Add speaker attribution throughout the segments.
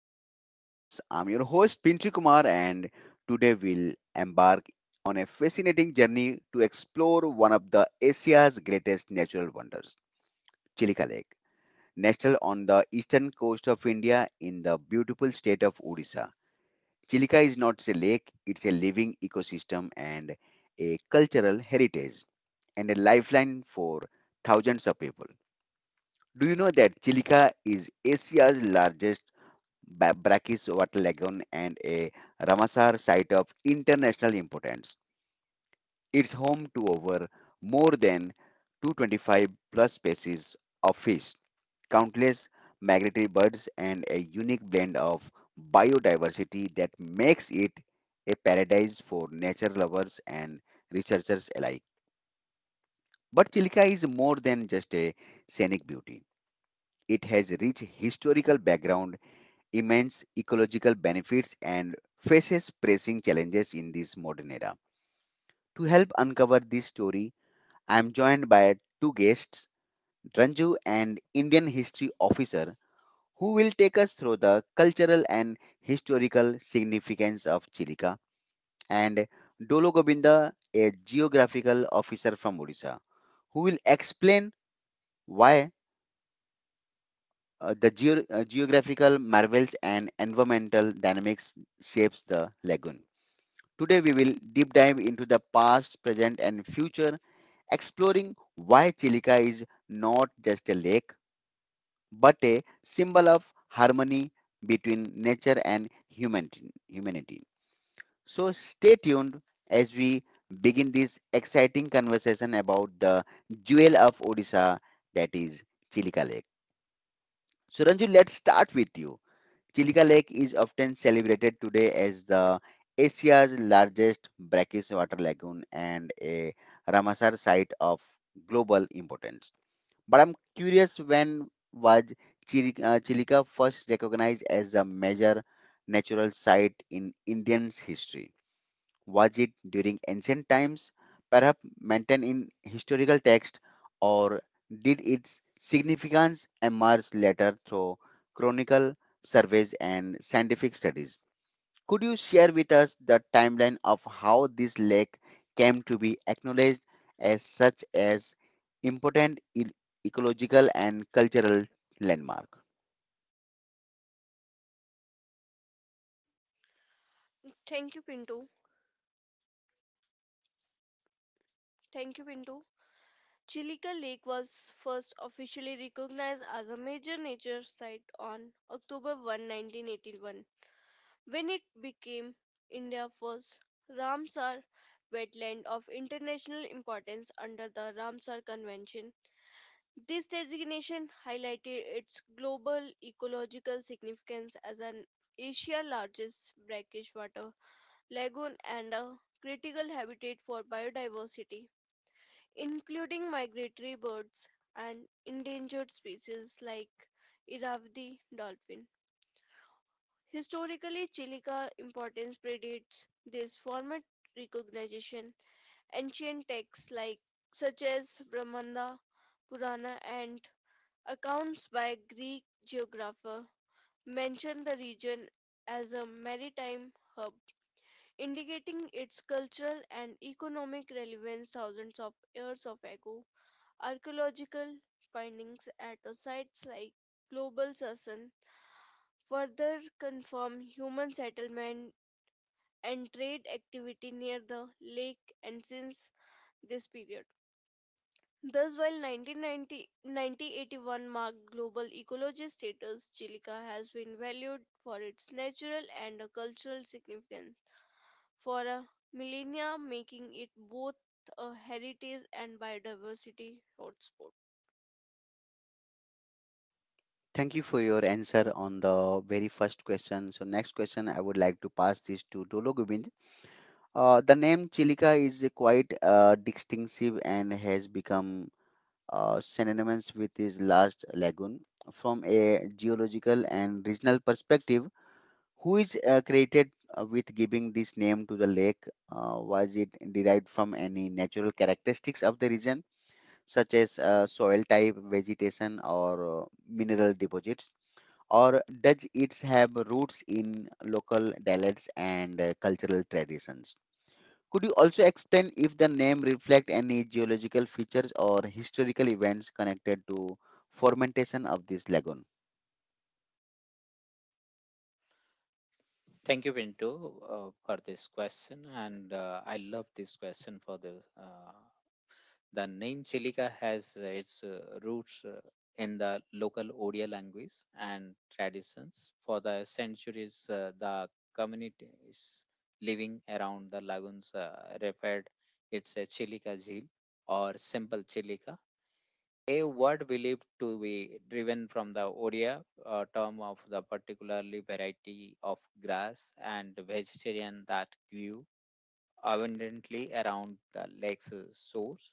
Speaker 1: Nature Chronicles. I'm your host Pinchu Kumar and today we'll embark on a fascinating journey to explore one of the Asia's greatest natural wonders, Chilika Lake, nestled on the eastern coast of India in the beautiful state of Odisha. Chilika is not a lake, it's a living ecosystem and a cultural heritage and a lifeline for thousands of people. Do you know that Chilika is Asia's largest by Brackish Water Lagoon and a Ramsar site of international importance. It's home to over more than 25 plus species of fish, countless migratory birds, and a unique blend of biodiversity that makes it a paradise for nature lovers and researchers alike. But Chilka is more than just a scenic beauty. It has rich historical background immense ecological benefits and faces pressing challenges in this modern era. To help uncover this story, I'm joined by two guests, Ranju an Indian history officer, who will take us through the cultural and historical significance of Chilika, and Dolo Gobinda, a geographical officer from Odisha, who will explain why geographical marvels and environmental dynamics shapes the lagoon. Today, we will deep dive into the past, present, and future, exploring why Chilica is not just a lake but a symbol of harmony between nature and humanity. So, stay tuned as we begin this exciting conversation about the jewel of Odisha that is Chilika Lake. So, Ranju, let's start with you. Chilika Lake is often celebrated today as the Asia's largest brackish water lagoon and a Ramsar site of global importance. But I'm curious, when was Chilika first recognized as a major natural site in Indian's history? Was it during ancient times, perhaps maintained in historical text, or did its significance emerge later through chronicle surveys and scientific studies? Could you share with us the timeline of how this lake came to be acknowledged as such as important ecological and cultural landmark?
Speaker 2: Thank you, Pinto. Thank you, Pinto. Chilika Lake was first officially recognized as a major nature site on October 1, 1981, when it became India's first Ramsar wetland of international importance under the Ramsar Convention. This designation highlighted its global ecological significance as an Asia's largest brackish water lagoon and a critical habitat for biodiversity, including migratory birds and endangered species like Irrawaddy dolphin. Historically, Chilica importance predates this format recognition. Ancient texts such as Brahmanda Purana and accounts by Greek geographer mention the region as a maritime hub, indicating its cultural and economic relevance thousands of years of ago. Archaeological findings at the sites like Global Sasan further confirm human settlement and trade activity near the lake and since this period. Thus, while 1990 marked global ecology status, Chilica has been valued for its natural and cultural significance for a millennia, making it both a heritage and biodiversity hotspot.
Speaker 1: Thank you for your answer on the very first question. So, next question, I would like to pass this to Dolo Gobind. The name Chilica is quite distinctive and has become synonymous with its last lagoon. From a geological and regional perspective, who is created with giving this name to the lake? Was it derived from any natural characteristics of the region, such as soil type, vegetation, or mineral deposits? Or does it have roots in local dialects and cultural traditions? Could you also explain if the name reflect any geological features or historical events connected to fermentation of this lagoon?
Speaker 3: Thank you, Pinto, for this question, and I love this question for the name Chilika has its roots in the local Odia language and traditions. For the centuries, the communities living around the lagoons referred it's a Chilika Jheel or simple Chilika, a word believed to be driven from the Odia term of the particularly variety of grass and vegetation that grew abundantly around the lake's source.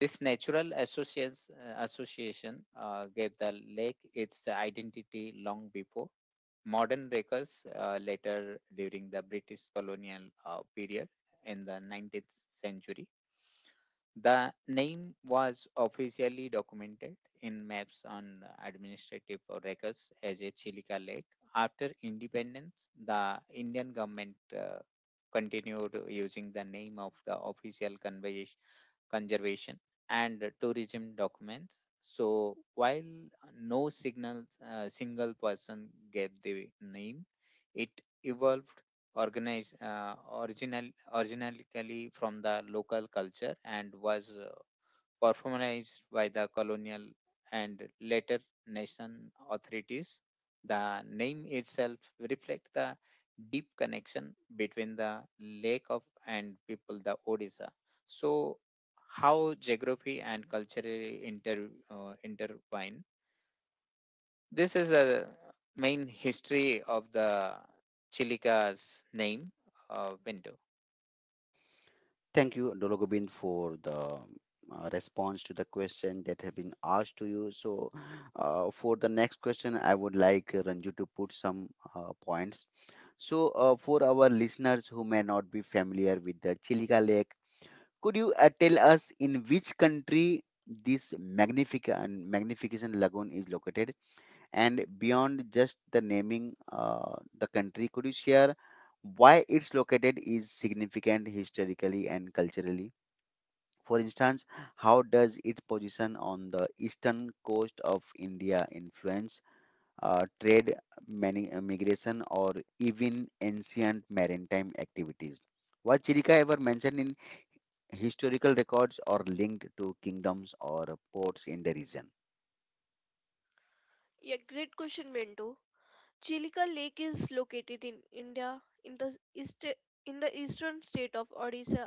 Speaker 3: This natural association gave the lake its identity long before modern records. Later during the British colonial period in the 19th century. The name was officially documented in maps on administrative records as a Chilika Lake. After independence, the Indian government continued using the name of the official convey conservation and tourism documents. So while no signal single person gave the name, it evolved organized original originally from the local culture and was Performalized by the colonial and later nation authorities. The name itself reflects the deep connection between the lake of and people, the Odisha. So, how geography and culturally intertwine? This is the main history of the Lika's name window.
Speaker 1: Thank you, Dologobin, for the response to the question that have been asked to you. So, for the next question, I would like Ranju to put some points. So, for our listeners who may not be familiar with the Chilika Lake, could you tell us in which country this magnificent lagoon is located? And beyond just the naming the country, could you share why it's located is significant historically and culturally? For instance, how does its position on the eastern coast of India influence trade, migration, or even ancient maritime activities? Was chirica ever mentioned in historical records or linked to kingdoms or ports in the region?
Speaker 2: Yeah, great question, Bintu. Chilika Lake is located in India in the east eastern state of Odisha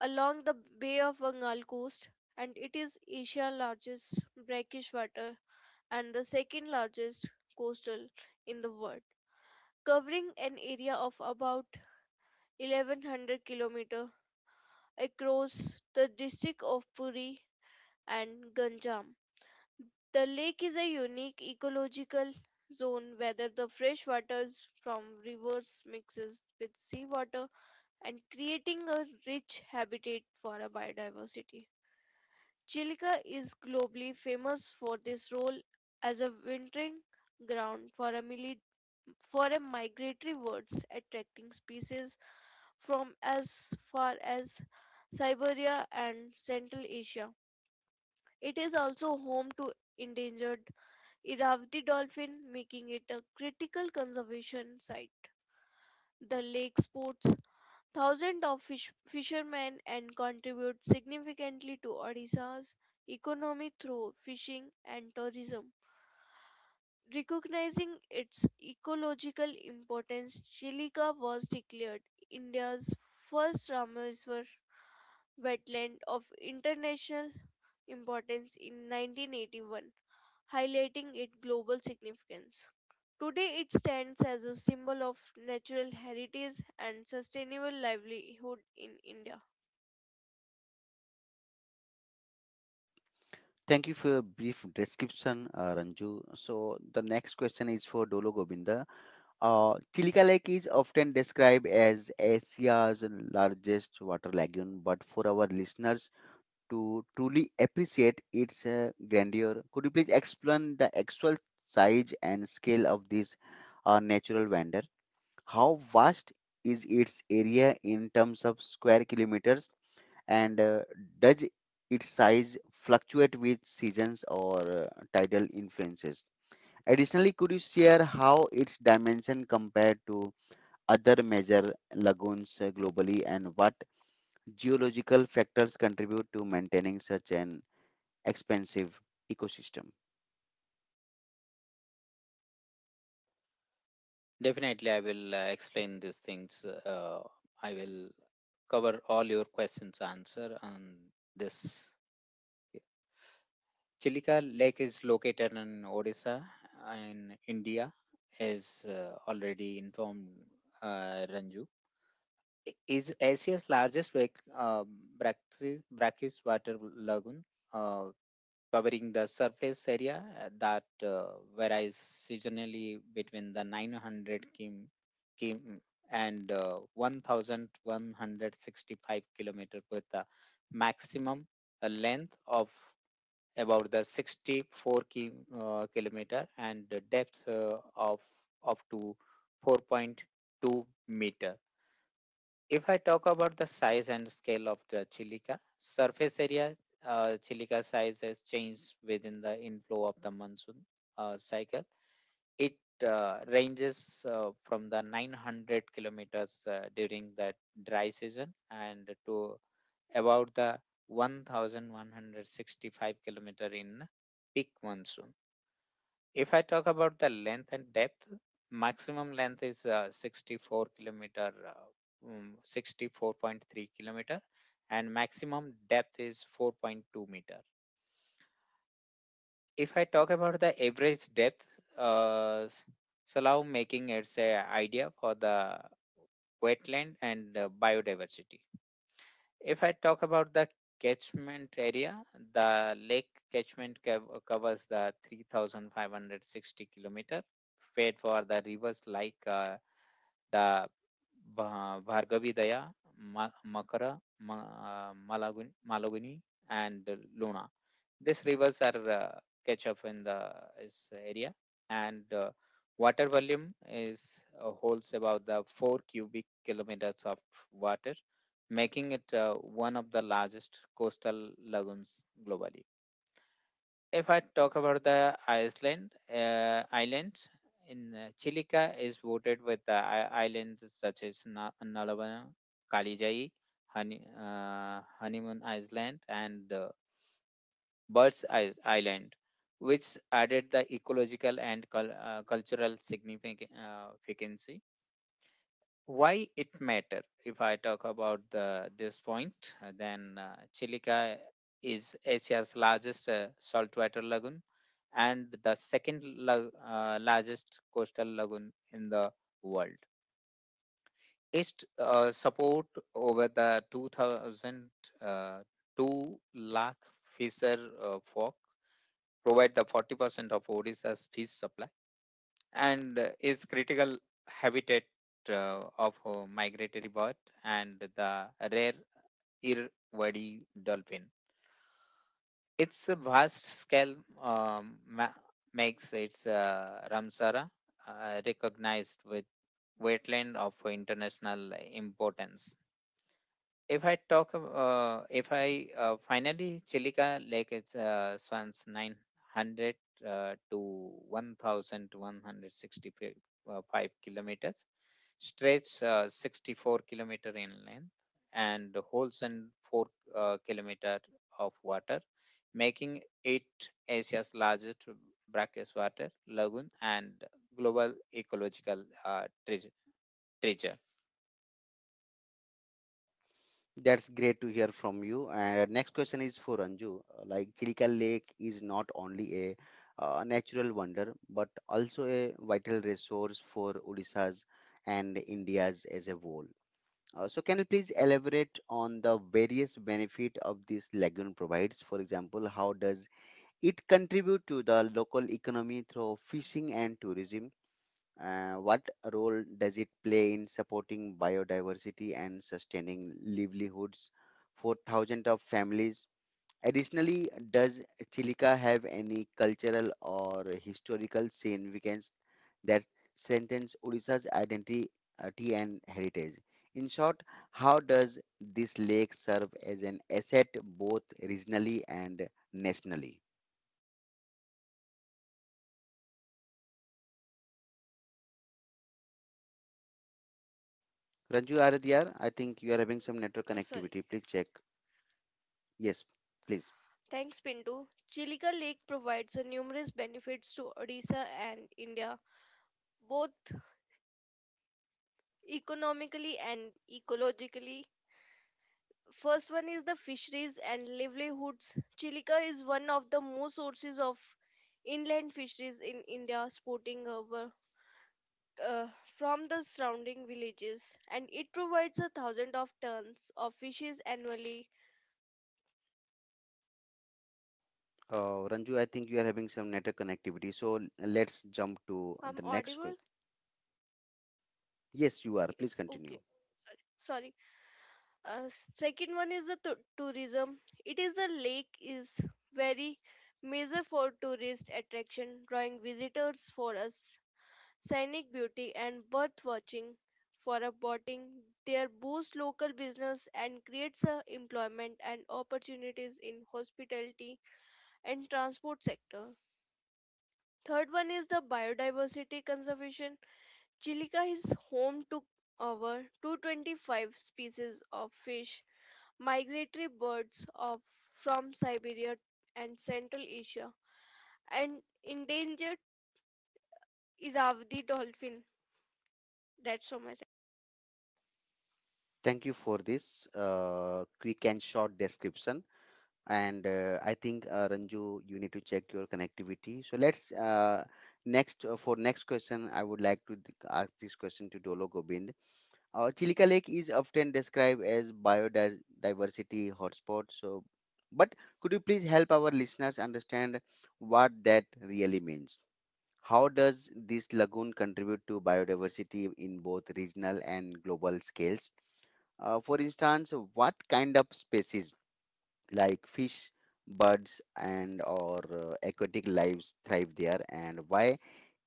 Speaker 2: along the Bay of Bengal coast, and it is Asia's largest brackish water and the second largest coastal in the world, covering an area of about 1100 km across the district of Puri and Ganjam. The lake is a unique ecological zone where the fresh waters from rivers mixes with seawater and creating a rich habitat for a biodiversity. Chilka is globally famous for this role as a wintering ground for a, mili- for a migratory birds attracting species from as far as Siberia and Central Asia. It is also home to endangered Irrawaddy dolphin, making it a critical conservation site. The lake sports thousands of fish, fishermen and contributes significantly to Odisha's economy through fishing and tourism. Recognizing its ecological importance, Chilika was declared India's first Rameswar wetland of international importance in 1981, highlighting its global significance. Today, it stands as a symbol of natural heritage and sustainable livelihood in India.
Speaker 1: Thank you for your brief description, Ranju. So the next question is for Dolo Govinda. Chilika Lake is often described as Asia's largest water lagoon, but for our listeners to truly appreciate its grandeur, could you please explain the actual size and scale of this natural wonder? How vast is its area in terms of square kilometers? And does its size fluctuate with seasons or tidal influences? Additionally, could you share how its dimension compare to other major lagoons globally, and what geological factors contribute to maintaining such an expansive ecosystem?
Speaker 3: Definitely, I will explain these things. I will cover all your questions answer on this. Chilika Lake is located in Odisha in India, as already informed Ranju. Is Asia's largest brackish water lagoon, uh, covering the surface area that varies seasonally between the 900 km mm, and 1,165 kilometer with a maximum a length of about the 64 kilometer and the depth of up to 4.2 meter. If I talk about the size and scale of the Chilica surface area, Chilica size has changed within the inflow of the monsoon cycle. It ranges from the 900 kilometers during the dry season and to about the 1,165 kilometer in peak monsoon. If I talk about the length and depth, maximum length is 64 kilometer, 64.3 kilometer, and maximum depth is 4.2 meter. If I talk about the average depth, uh, s- so now making it's a idea for the wetland and biodiversity. If I talk about the catchment area, the lake catchment covers the 3,560 kilometer, fed for the rivers like the Bhargavi Daya, Makara, Malaguni, and Luna. These rivers are catch up in the is area, and water volume is holds about the 4 cubic kilometers of water, making it one of the largest coastal lagoons globally. If I talk about the iceland island in Chilica is voted with the islands such as Nalabana, Kalijai, Honeymoon Island, and Birds Island, which added the ecological and cultural significance. Why it matter? If I talk about this point, then Chilica is Asia's largest saltwater lagoon and the second largest coastal lagoon in the world. Placed support over the 2000 uh, 2 lakh fisher folk, provide the 40% of Odisha's fish supply and is critical habitat of migratory bird and the rare earwoody dolphin. Its vast scale um, ma- makes its Ramsara recognized with wetland of international importance. If I talk, ab- if I Finally, Chilika Lake is swans 900 to 1,165 kilometers, stretch 64 kilometer in length, and holds in 4 kilometer of water, making it Asia's largest brackish water lagoon and global ecological treasure.
Speaker 1: That's great to hear from you. And next question is for Anju. Like, Chilika Lake is not only a natural wonder, but also a vital resource for Odisha's and India's as a whole. So, can you please elaborate on the various benefit of this lagoon provides? For example, how does it contribute to the local economy through fishing and tourism? What role does it play in supporting biodiversity and sustaining livelihoods for thousands of families? Additionally, does Chilica have any cultural or historical significance that strengthens Odisha's identity tea and heritage? In short, how does this lake serve as an asset both regionally and nationally? Ranju Aradhyar, I think you are having some network
Speaker 2: Sorry.
Speaker 1: connectivity. Please check. Yes, please.
Speaker 2: Thanks, Pinto. Chilika Lake provides a numerous benefits to Odisha and India, both economically and ecologically. First one is the fisheries and livelihoods. Chilika is one of the most sources of inland fisheries in India, sporting a uh, from the surrounding villages, and it provides a thousand of tons of fishes annually.
Speaker 1: Ranju, I think you are having some network connectivity. So let's jump to
Speaker 2: I'm
Speaker 1: the next
Speaker 2: audible?
Speaker 1: question. Yes, you are.
Speaker 2: Yeah,
Speaker 1: Please continue.
Speaker 2: okay. Sorry. Uh, second one is the tourism. It is a lake is very major for tourist attraction, drawing visitors for us, scenic beauty and bird watching for a boating. There boosts local business and creates a employment and opportunities in hospitality and transport sector. Third one is the biodiversity conservation. Chilika is home to over 225 species of fish, migratory birds of from Siberia and Central Asia, and endangered Irrawaddy dolphin. That's so much.
Speaker 1: Thank you for this quick and short description. And I think Ranju, you need to check your connectivity. So let's next for next question. I would like to ask this question to Dolo Gobind. Chilika Lake is often described as biodiversity hotspot. But could you please help our listeners understand what that really means? How does this lagoon contribute to biodiversity in both regional and global scales? For instance, what kind of species like fish, birds, and or aquatic lives thrive there, and why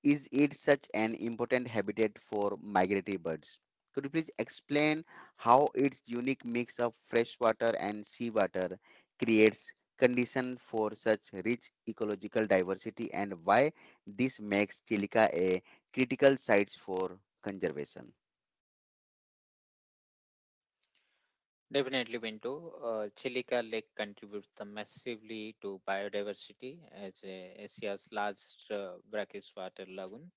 Speaker 1: is it such an important habitat for migratory birds? Could you please explain how its unique mix of freshwater and seawater creates condition for such rich ecological diversity, and why this makes Chilica a critical site for conservation?
Speaker 3: Definitely, Pinto. Chilika Lake contributes the massively to biodiversity as Asia's largest brackish water lagoon,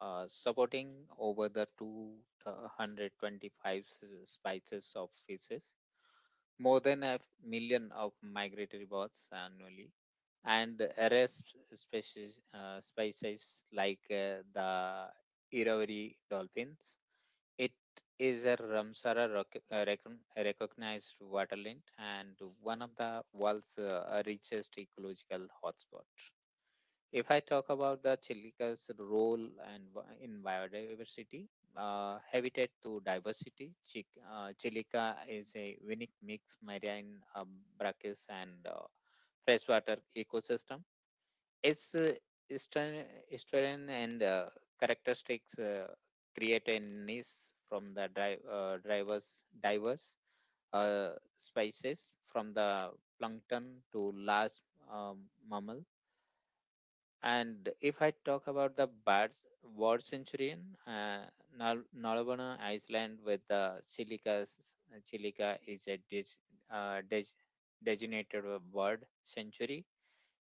Speaker 3: supporting over the 225 species of fishes, more than a million of migratory birds annually, and rare species like the Irrawaddy dolphins is a Ramsara recognized waterland and one of the world's richest ecological hotspot. If I talk about the Chilica's role in biodiversity, habitat to diversity. Chilica is a unique mix marine, brackish, and freshwater ecosystem. Its Eastern, Eastern and characteristics create a niche from the drivers diverse uh, species from the plankton to large um, mammal. And if I talk about the birds, bird centurion, Nalabana Island. With the Chilica is a uh, dig, designated a bird sanctuary.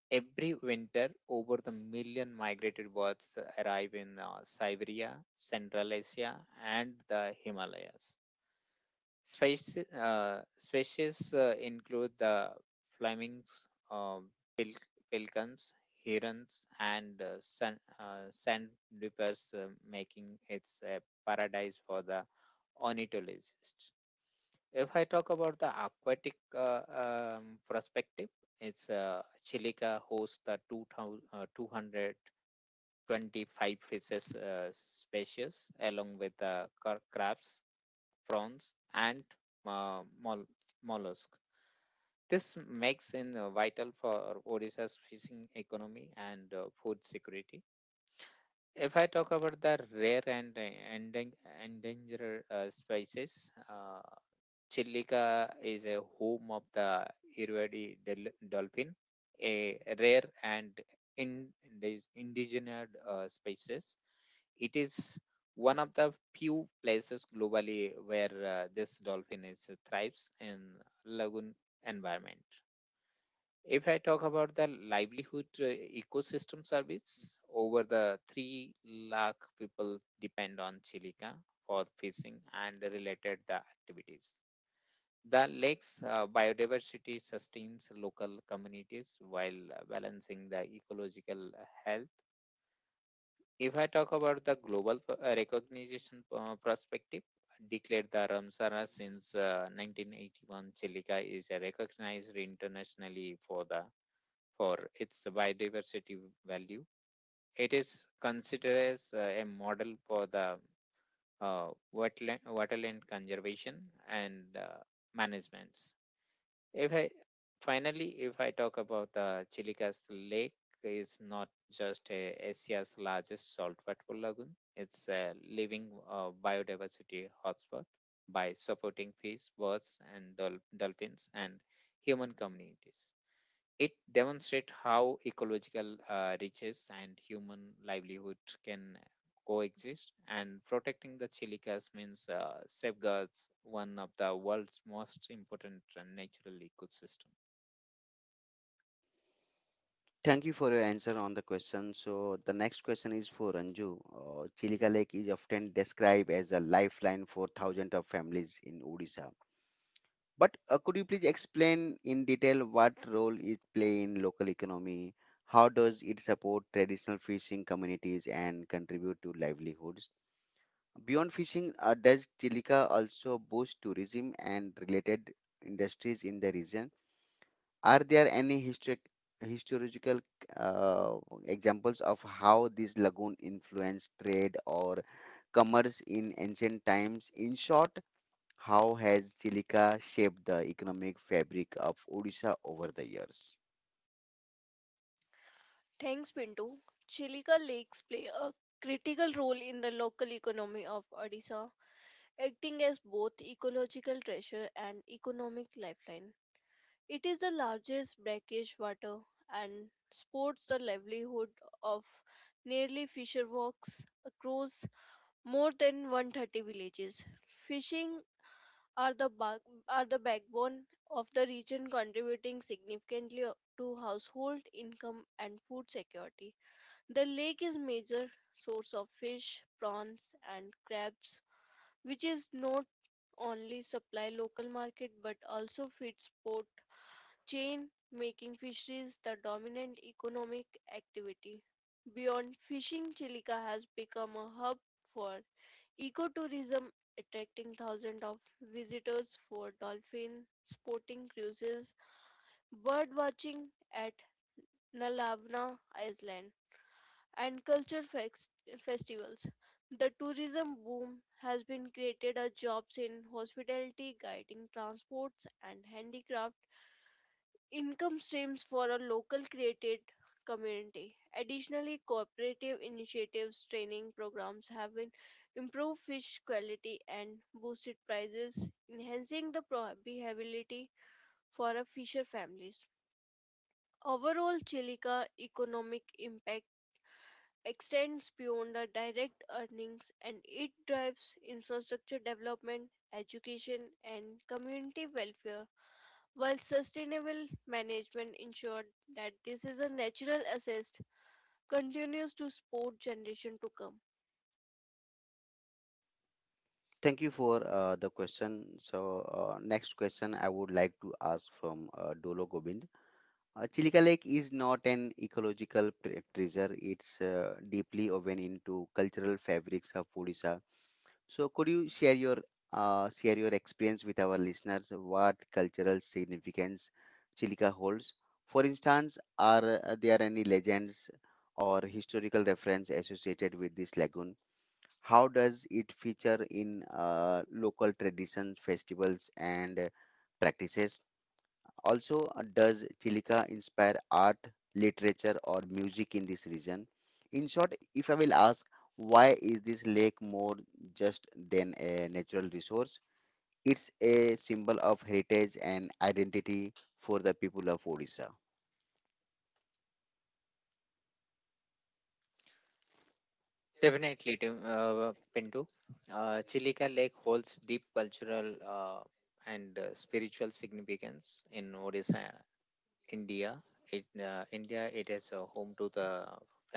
Speaker 3: Every winter, over the million migrated birds arrive in Siberia, Central Asia, and the Himalayas. Species include the flamings, um, pil- pelicans, herons, and sandpipers, making it a paradise for the ornithologist. If I talk about the aquatic perspective, it's Chilica hosts the 2000, 225 fishes species along with the crabs, prawns, and uh, mol- mollusk. This makes in vital for Odisha's fishing economy and food security. If I talk about the rare and endang- endangered species, Chilica is a home of the Irrawaddy dolphin, a rare and indigenous species. It is one of the few places globally where this dolphin is thrives in lagoon environment. If I talk about the livelihood ecosystem service, over the 3 lakh people depend on Chilica for fishing and related the activities. The lake's biodiversity sustains local communities while balancing the ecological health. If I talk about the global recognition perspective, declared the Ramsara since 1981, Chilica is recognized internationally for its biodiversity value. It is considered as a model for the uh, wetland, waterland conservation and management. If I if I talk about the Chilica's lake, is not just a Asia's largest saltwater lagoon. It's a living biodiversity hotspot by supporting fish, birds, and dolphins and human communities. It demonstrates how ecological riches and human livelihood can coexist, and protecting the Chilicas means safeguards one of the world's most important natural ecosystem.
Speaker 1: Thank you for your answer on the question. So the next question is for Ranju. Chilika Lake is often described as a lifeline for thousands of families in Odisha. But could you please explain in detail what role it play in local economy? How does it support traditional fishing communities and contribute to livelihoods? Beyond fishing, does Chilica also boost tourism and related industries in the region? Are there any historical uh, examples of how this lagoon influenced trade or commerce in ancient times? In short, how has Chilica shaped the economic fabric of Odisha over the years?
Speaker 2: Thanks, Pinto. Chilika lakes play a critical role in the local economy of Odisha, acting as both ecological treasure and economic lifeline. It is the largest brackish water and supports the livelihood of nearly fisher walks across more than 130 villages. Fishing are the ba- are the backbone of the region, contributing significantly to household income and food security. The lake is major source of fish, prawns and crabs, which is not only supply local market but also feeds port chain, making fisheries the dominant economic activity. Beyond fishing, Chilika has become a hub for ecotourism, attracting thousands of visitors for dolphin sporting cruises, bird watching at Nalavana Island, and festivals. The tourism boom has been created a jobs in hospitality, guiding transports and handicraft income streams for a local created community. Additionally, cooperative initiatives, training programs have been improved fish quality and boosted prices, enhancing the profitability for a fisher families. Overall, Chilica economic impact extends beyond the direct earnings, and it drives infrastructure development, education and community welfare while sustainable management ensured that this is a natural asset continues to support generation to come.
Speaker 1: Thank you for the question. So, next question I would like to ask from Dolo Gobind. Chilika Lake is not an ecological treasure, it's deeply woven into cultural fabrics of Odisha. So could you share your experience with our listeners what cultural significance Chilika holds? For instance, are there any legends or historical reference associated with this lagoon? How does it feature in local traditions, festivals, and practices? Also, does Chilika inspire art, literature, or music in this region? In short, if I will ask, why is this lake more just than a natural resource? It's a symbol of heritage and identity for the people of Odisha.
Speaker 3: Definitely, Pintu. Chilika Lake holds deep cultural and spiritual significance in Odisha India. It is home to the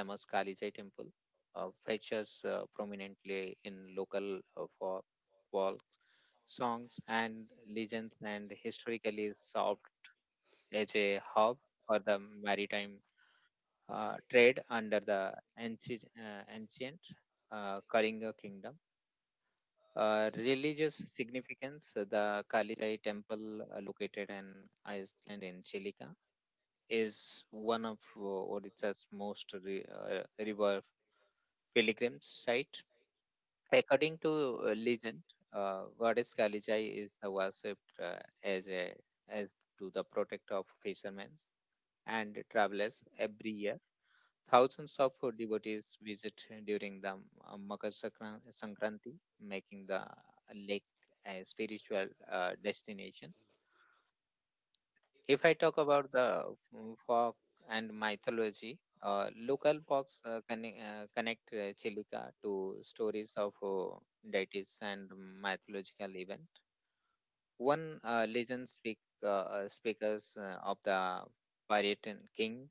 Speaker 3: famous Kali Vijay temple, features prominently in local for walks, songs, and legends, and historically served as a hub for the maritime trade and the ancient Kalinga kingdom. Religious significance, the Kali Vijay temple located in Iceland in Chilica is one of Odisha's most river pilgrim site. According to legend, goddess Kalijai is worshipped as a as to the protector of fishermen and travelers every year. Thousands of devotees visit during the Makar Sankranti, making the lake a spiritual destination. If I talk about the folk and mythology, local folks connect Chilika to stories of deities and mythological event. One legend speakers of the Paritan king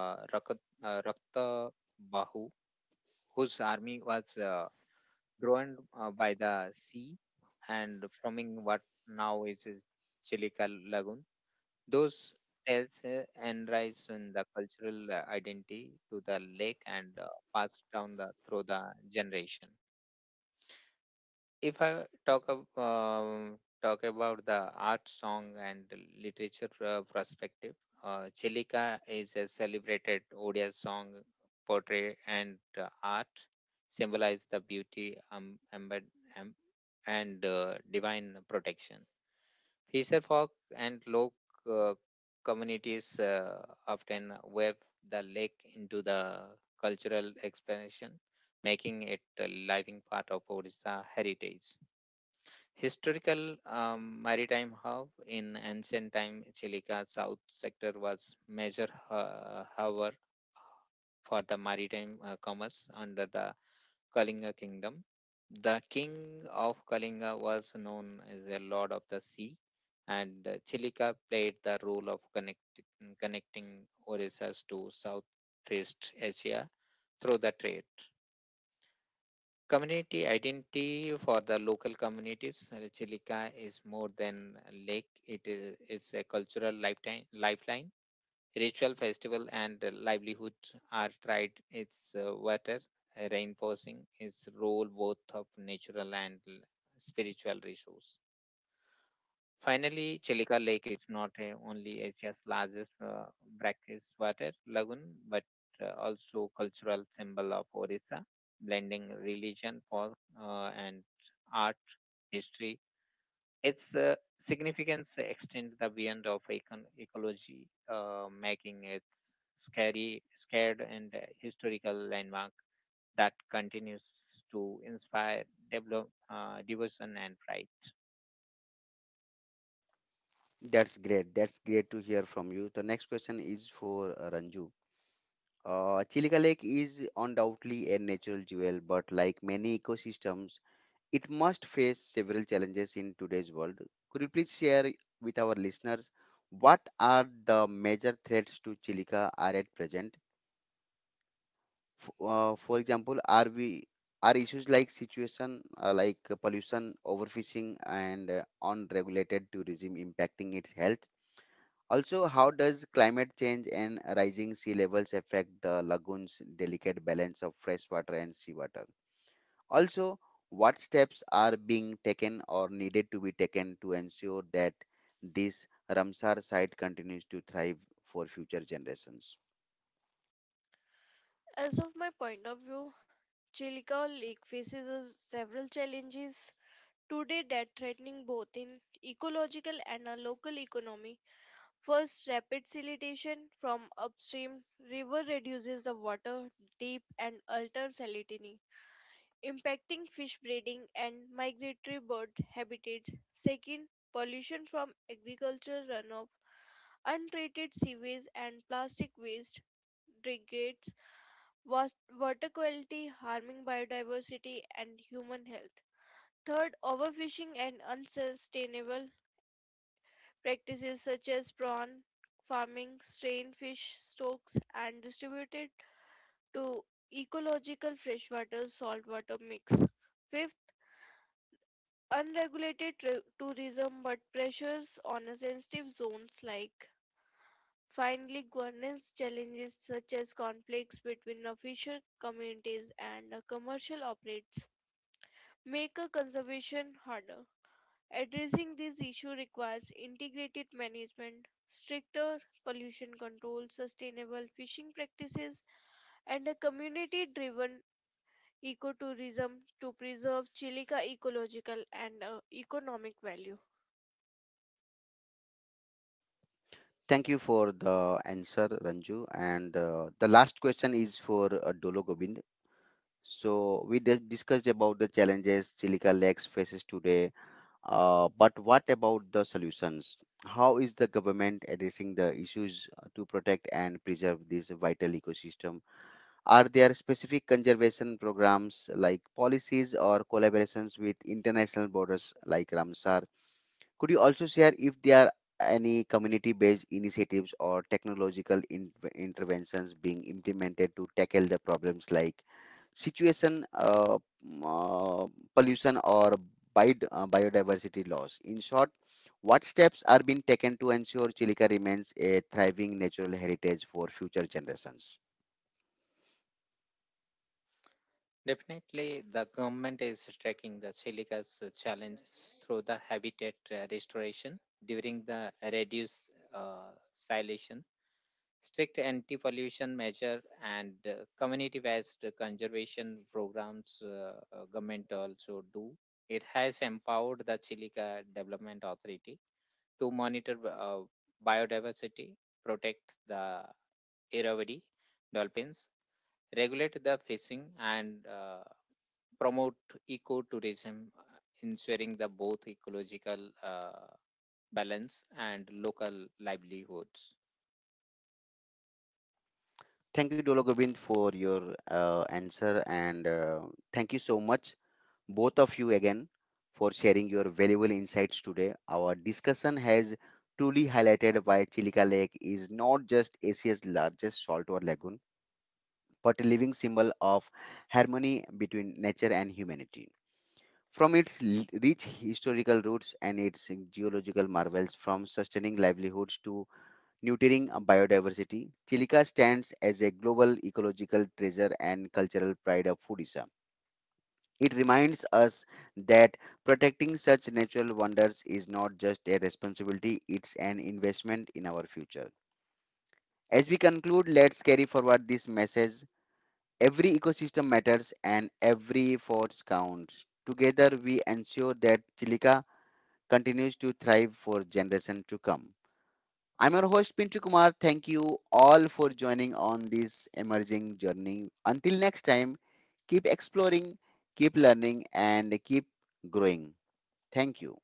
Speaker 3: Rakta Bahu, whose army was drowned by the sea and forming what now is Chilika Lagoon. Those tales enrise in the cultural identity to the lake and passed down the through the generation. If I talk about the art, song, and literature perspective, Chilika is a celebrated Odia song, poetry, and art symbolize the beauty, em- and divine protection. Fisher folk and Lok uh, communities often weave the lake into the cultural expansion, making it a living part of Odisha heritage. Historical maritime hub in ancient time, Chilika South sector was major harbor for the maritime commerce under the Kalinga kingdom. The king of Kalinga was known as a lord of the sea, and Chilika played the role of connecting Orissas to Southeast Asia through the trade. Community identity for the local communities. Chilika is more than a lake, it's a cultural lifeline. Ritual festival and livelihood are tried. Its water reinforcing its role both of natural and spiritual resource. Finally, Chilika Lake is not only Asia's largest brackish water lagoon, but also cultural symbol of Orissa, blending religion, folk, and art, history. Its significance extend the beyond of ecology, making it scared and historical landmark that continues to inspire devotion and pride.
Speaker 1: That's great. That's great to hear from you. The next question is for Ranju. Chilika Lake is undoubtedly a natural jewel, but like many ecosystems, it must face several challenges in today's world. Could you please share with our listeners what are the major threats to Chilica are at present? For example, are we are issues like situation like pollution, overfishing, and unregulated tourism impacting its health? Also, how does climate change and rising sea levels affect the lagoon's delicate balance of fresh water and seawater? Also, what steps are being taken or needed to be taken to ensure that this Ramsar site continues to thrive for future generations?
Speaker 2: As of my point of view, Chilika Lake faces several challenges today that threatening both in ecological and a local economy. First, rapid siltation from upstream river reduces the water depth and alters salinity, impacting fish breeding and migratory bird habitats. Second, pollution from agricultural runoff, untreated sewage and plastic waste degrades was- water quality, harming biodiversity and human health. Third, overfishing and unsustainable practices such as prawn farming, strain fish stocks, and distributed to ecological freshwater saltwater mix. Fifth, unregulated tourism but pressures on a sensitive zones like finally governance challenges such as conflicts between official communities and commercial operates make a conservation harder, addressing this issue requires integrated management, stricter pollution control, sustainable fishing practices and a community driven ecotourism to preserve chilica ecological and economic value.
Speaker 1: Thank you for the answer, Ranju. And the last question is for Dolo Gobind. So we discussed about the challenges Chilika Lakes faces today, but what about the solutions? How is the government addressing the issues to protect and preserve this vital ecosystem? Are there specific conservation programs like policies or collaborations with international borders like Ramsar? Could you also share if there are any community based initiatives or technological interventions being implemented to tackle the problems like situation, m- uh, pollution, or biodiversity loss? In short, what steps are being taken to ensure Chilica remains a thriving natural heritage for future generations?
Speaker 3: Definitely, the government is tracking the silica's challenges through the habitat restoration during the reduced silation, strict anti-pollution measure, and community-based conservation programs. Government also do. It has empowered the Chilika Development Authority to monitor biodiversity, protect the Irrawaddy dolphins, regulate the fishing, and promote ecotourism, ensuring the both ecological balance and local livelihoods.
Speaker 1: Thank you, Dolo Gobind, for your answer, and thank you so much, both of you, again, for sharing your valuable insights today. Our discussion has truly highlighted why Chilika Lake is not just Asia's largest saltwater lagoon, but a living symbol of harmony between nature and humanity. From its rich historical roots and its geological marvels, from sustaining livelihoods to nurturing a biodiversity, Chilika stands as a global ecological treasure and cultural pride of Odisha. It reminds us that protecting such natural wonders is not just a responsibility, it's an investment in our future. As we conclude, let's carry forward this message. Every ecosystem matters and every effort counts. Together, we ensure that Chilika continues to thrive for generations to come. I'm your host Pintu Kumar. Thank you all for joining on this emerging journey. Until next time, keep exploring, keep learning, and keep growing. Thank you.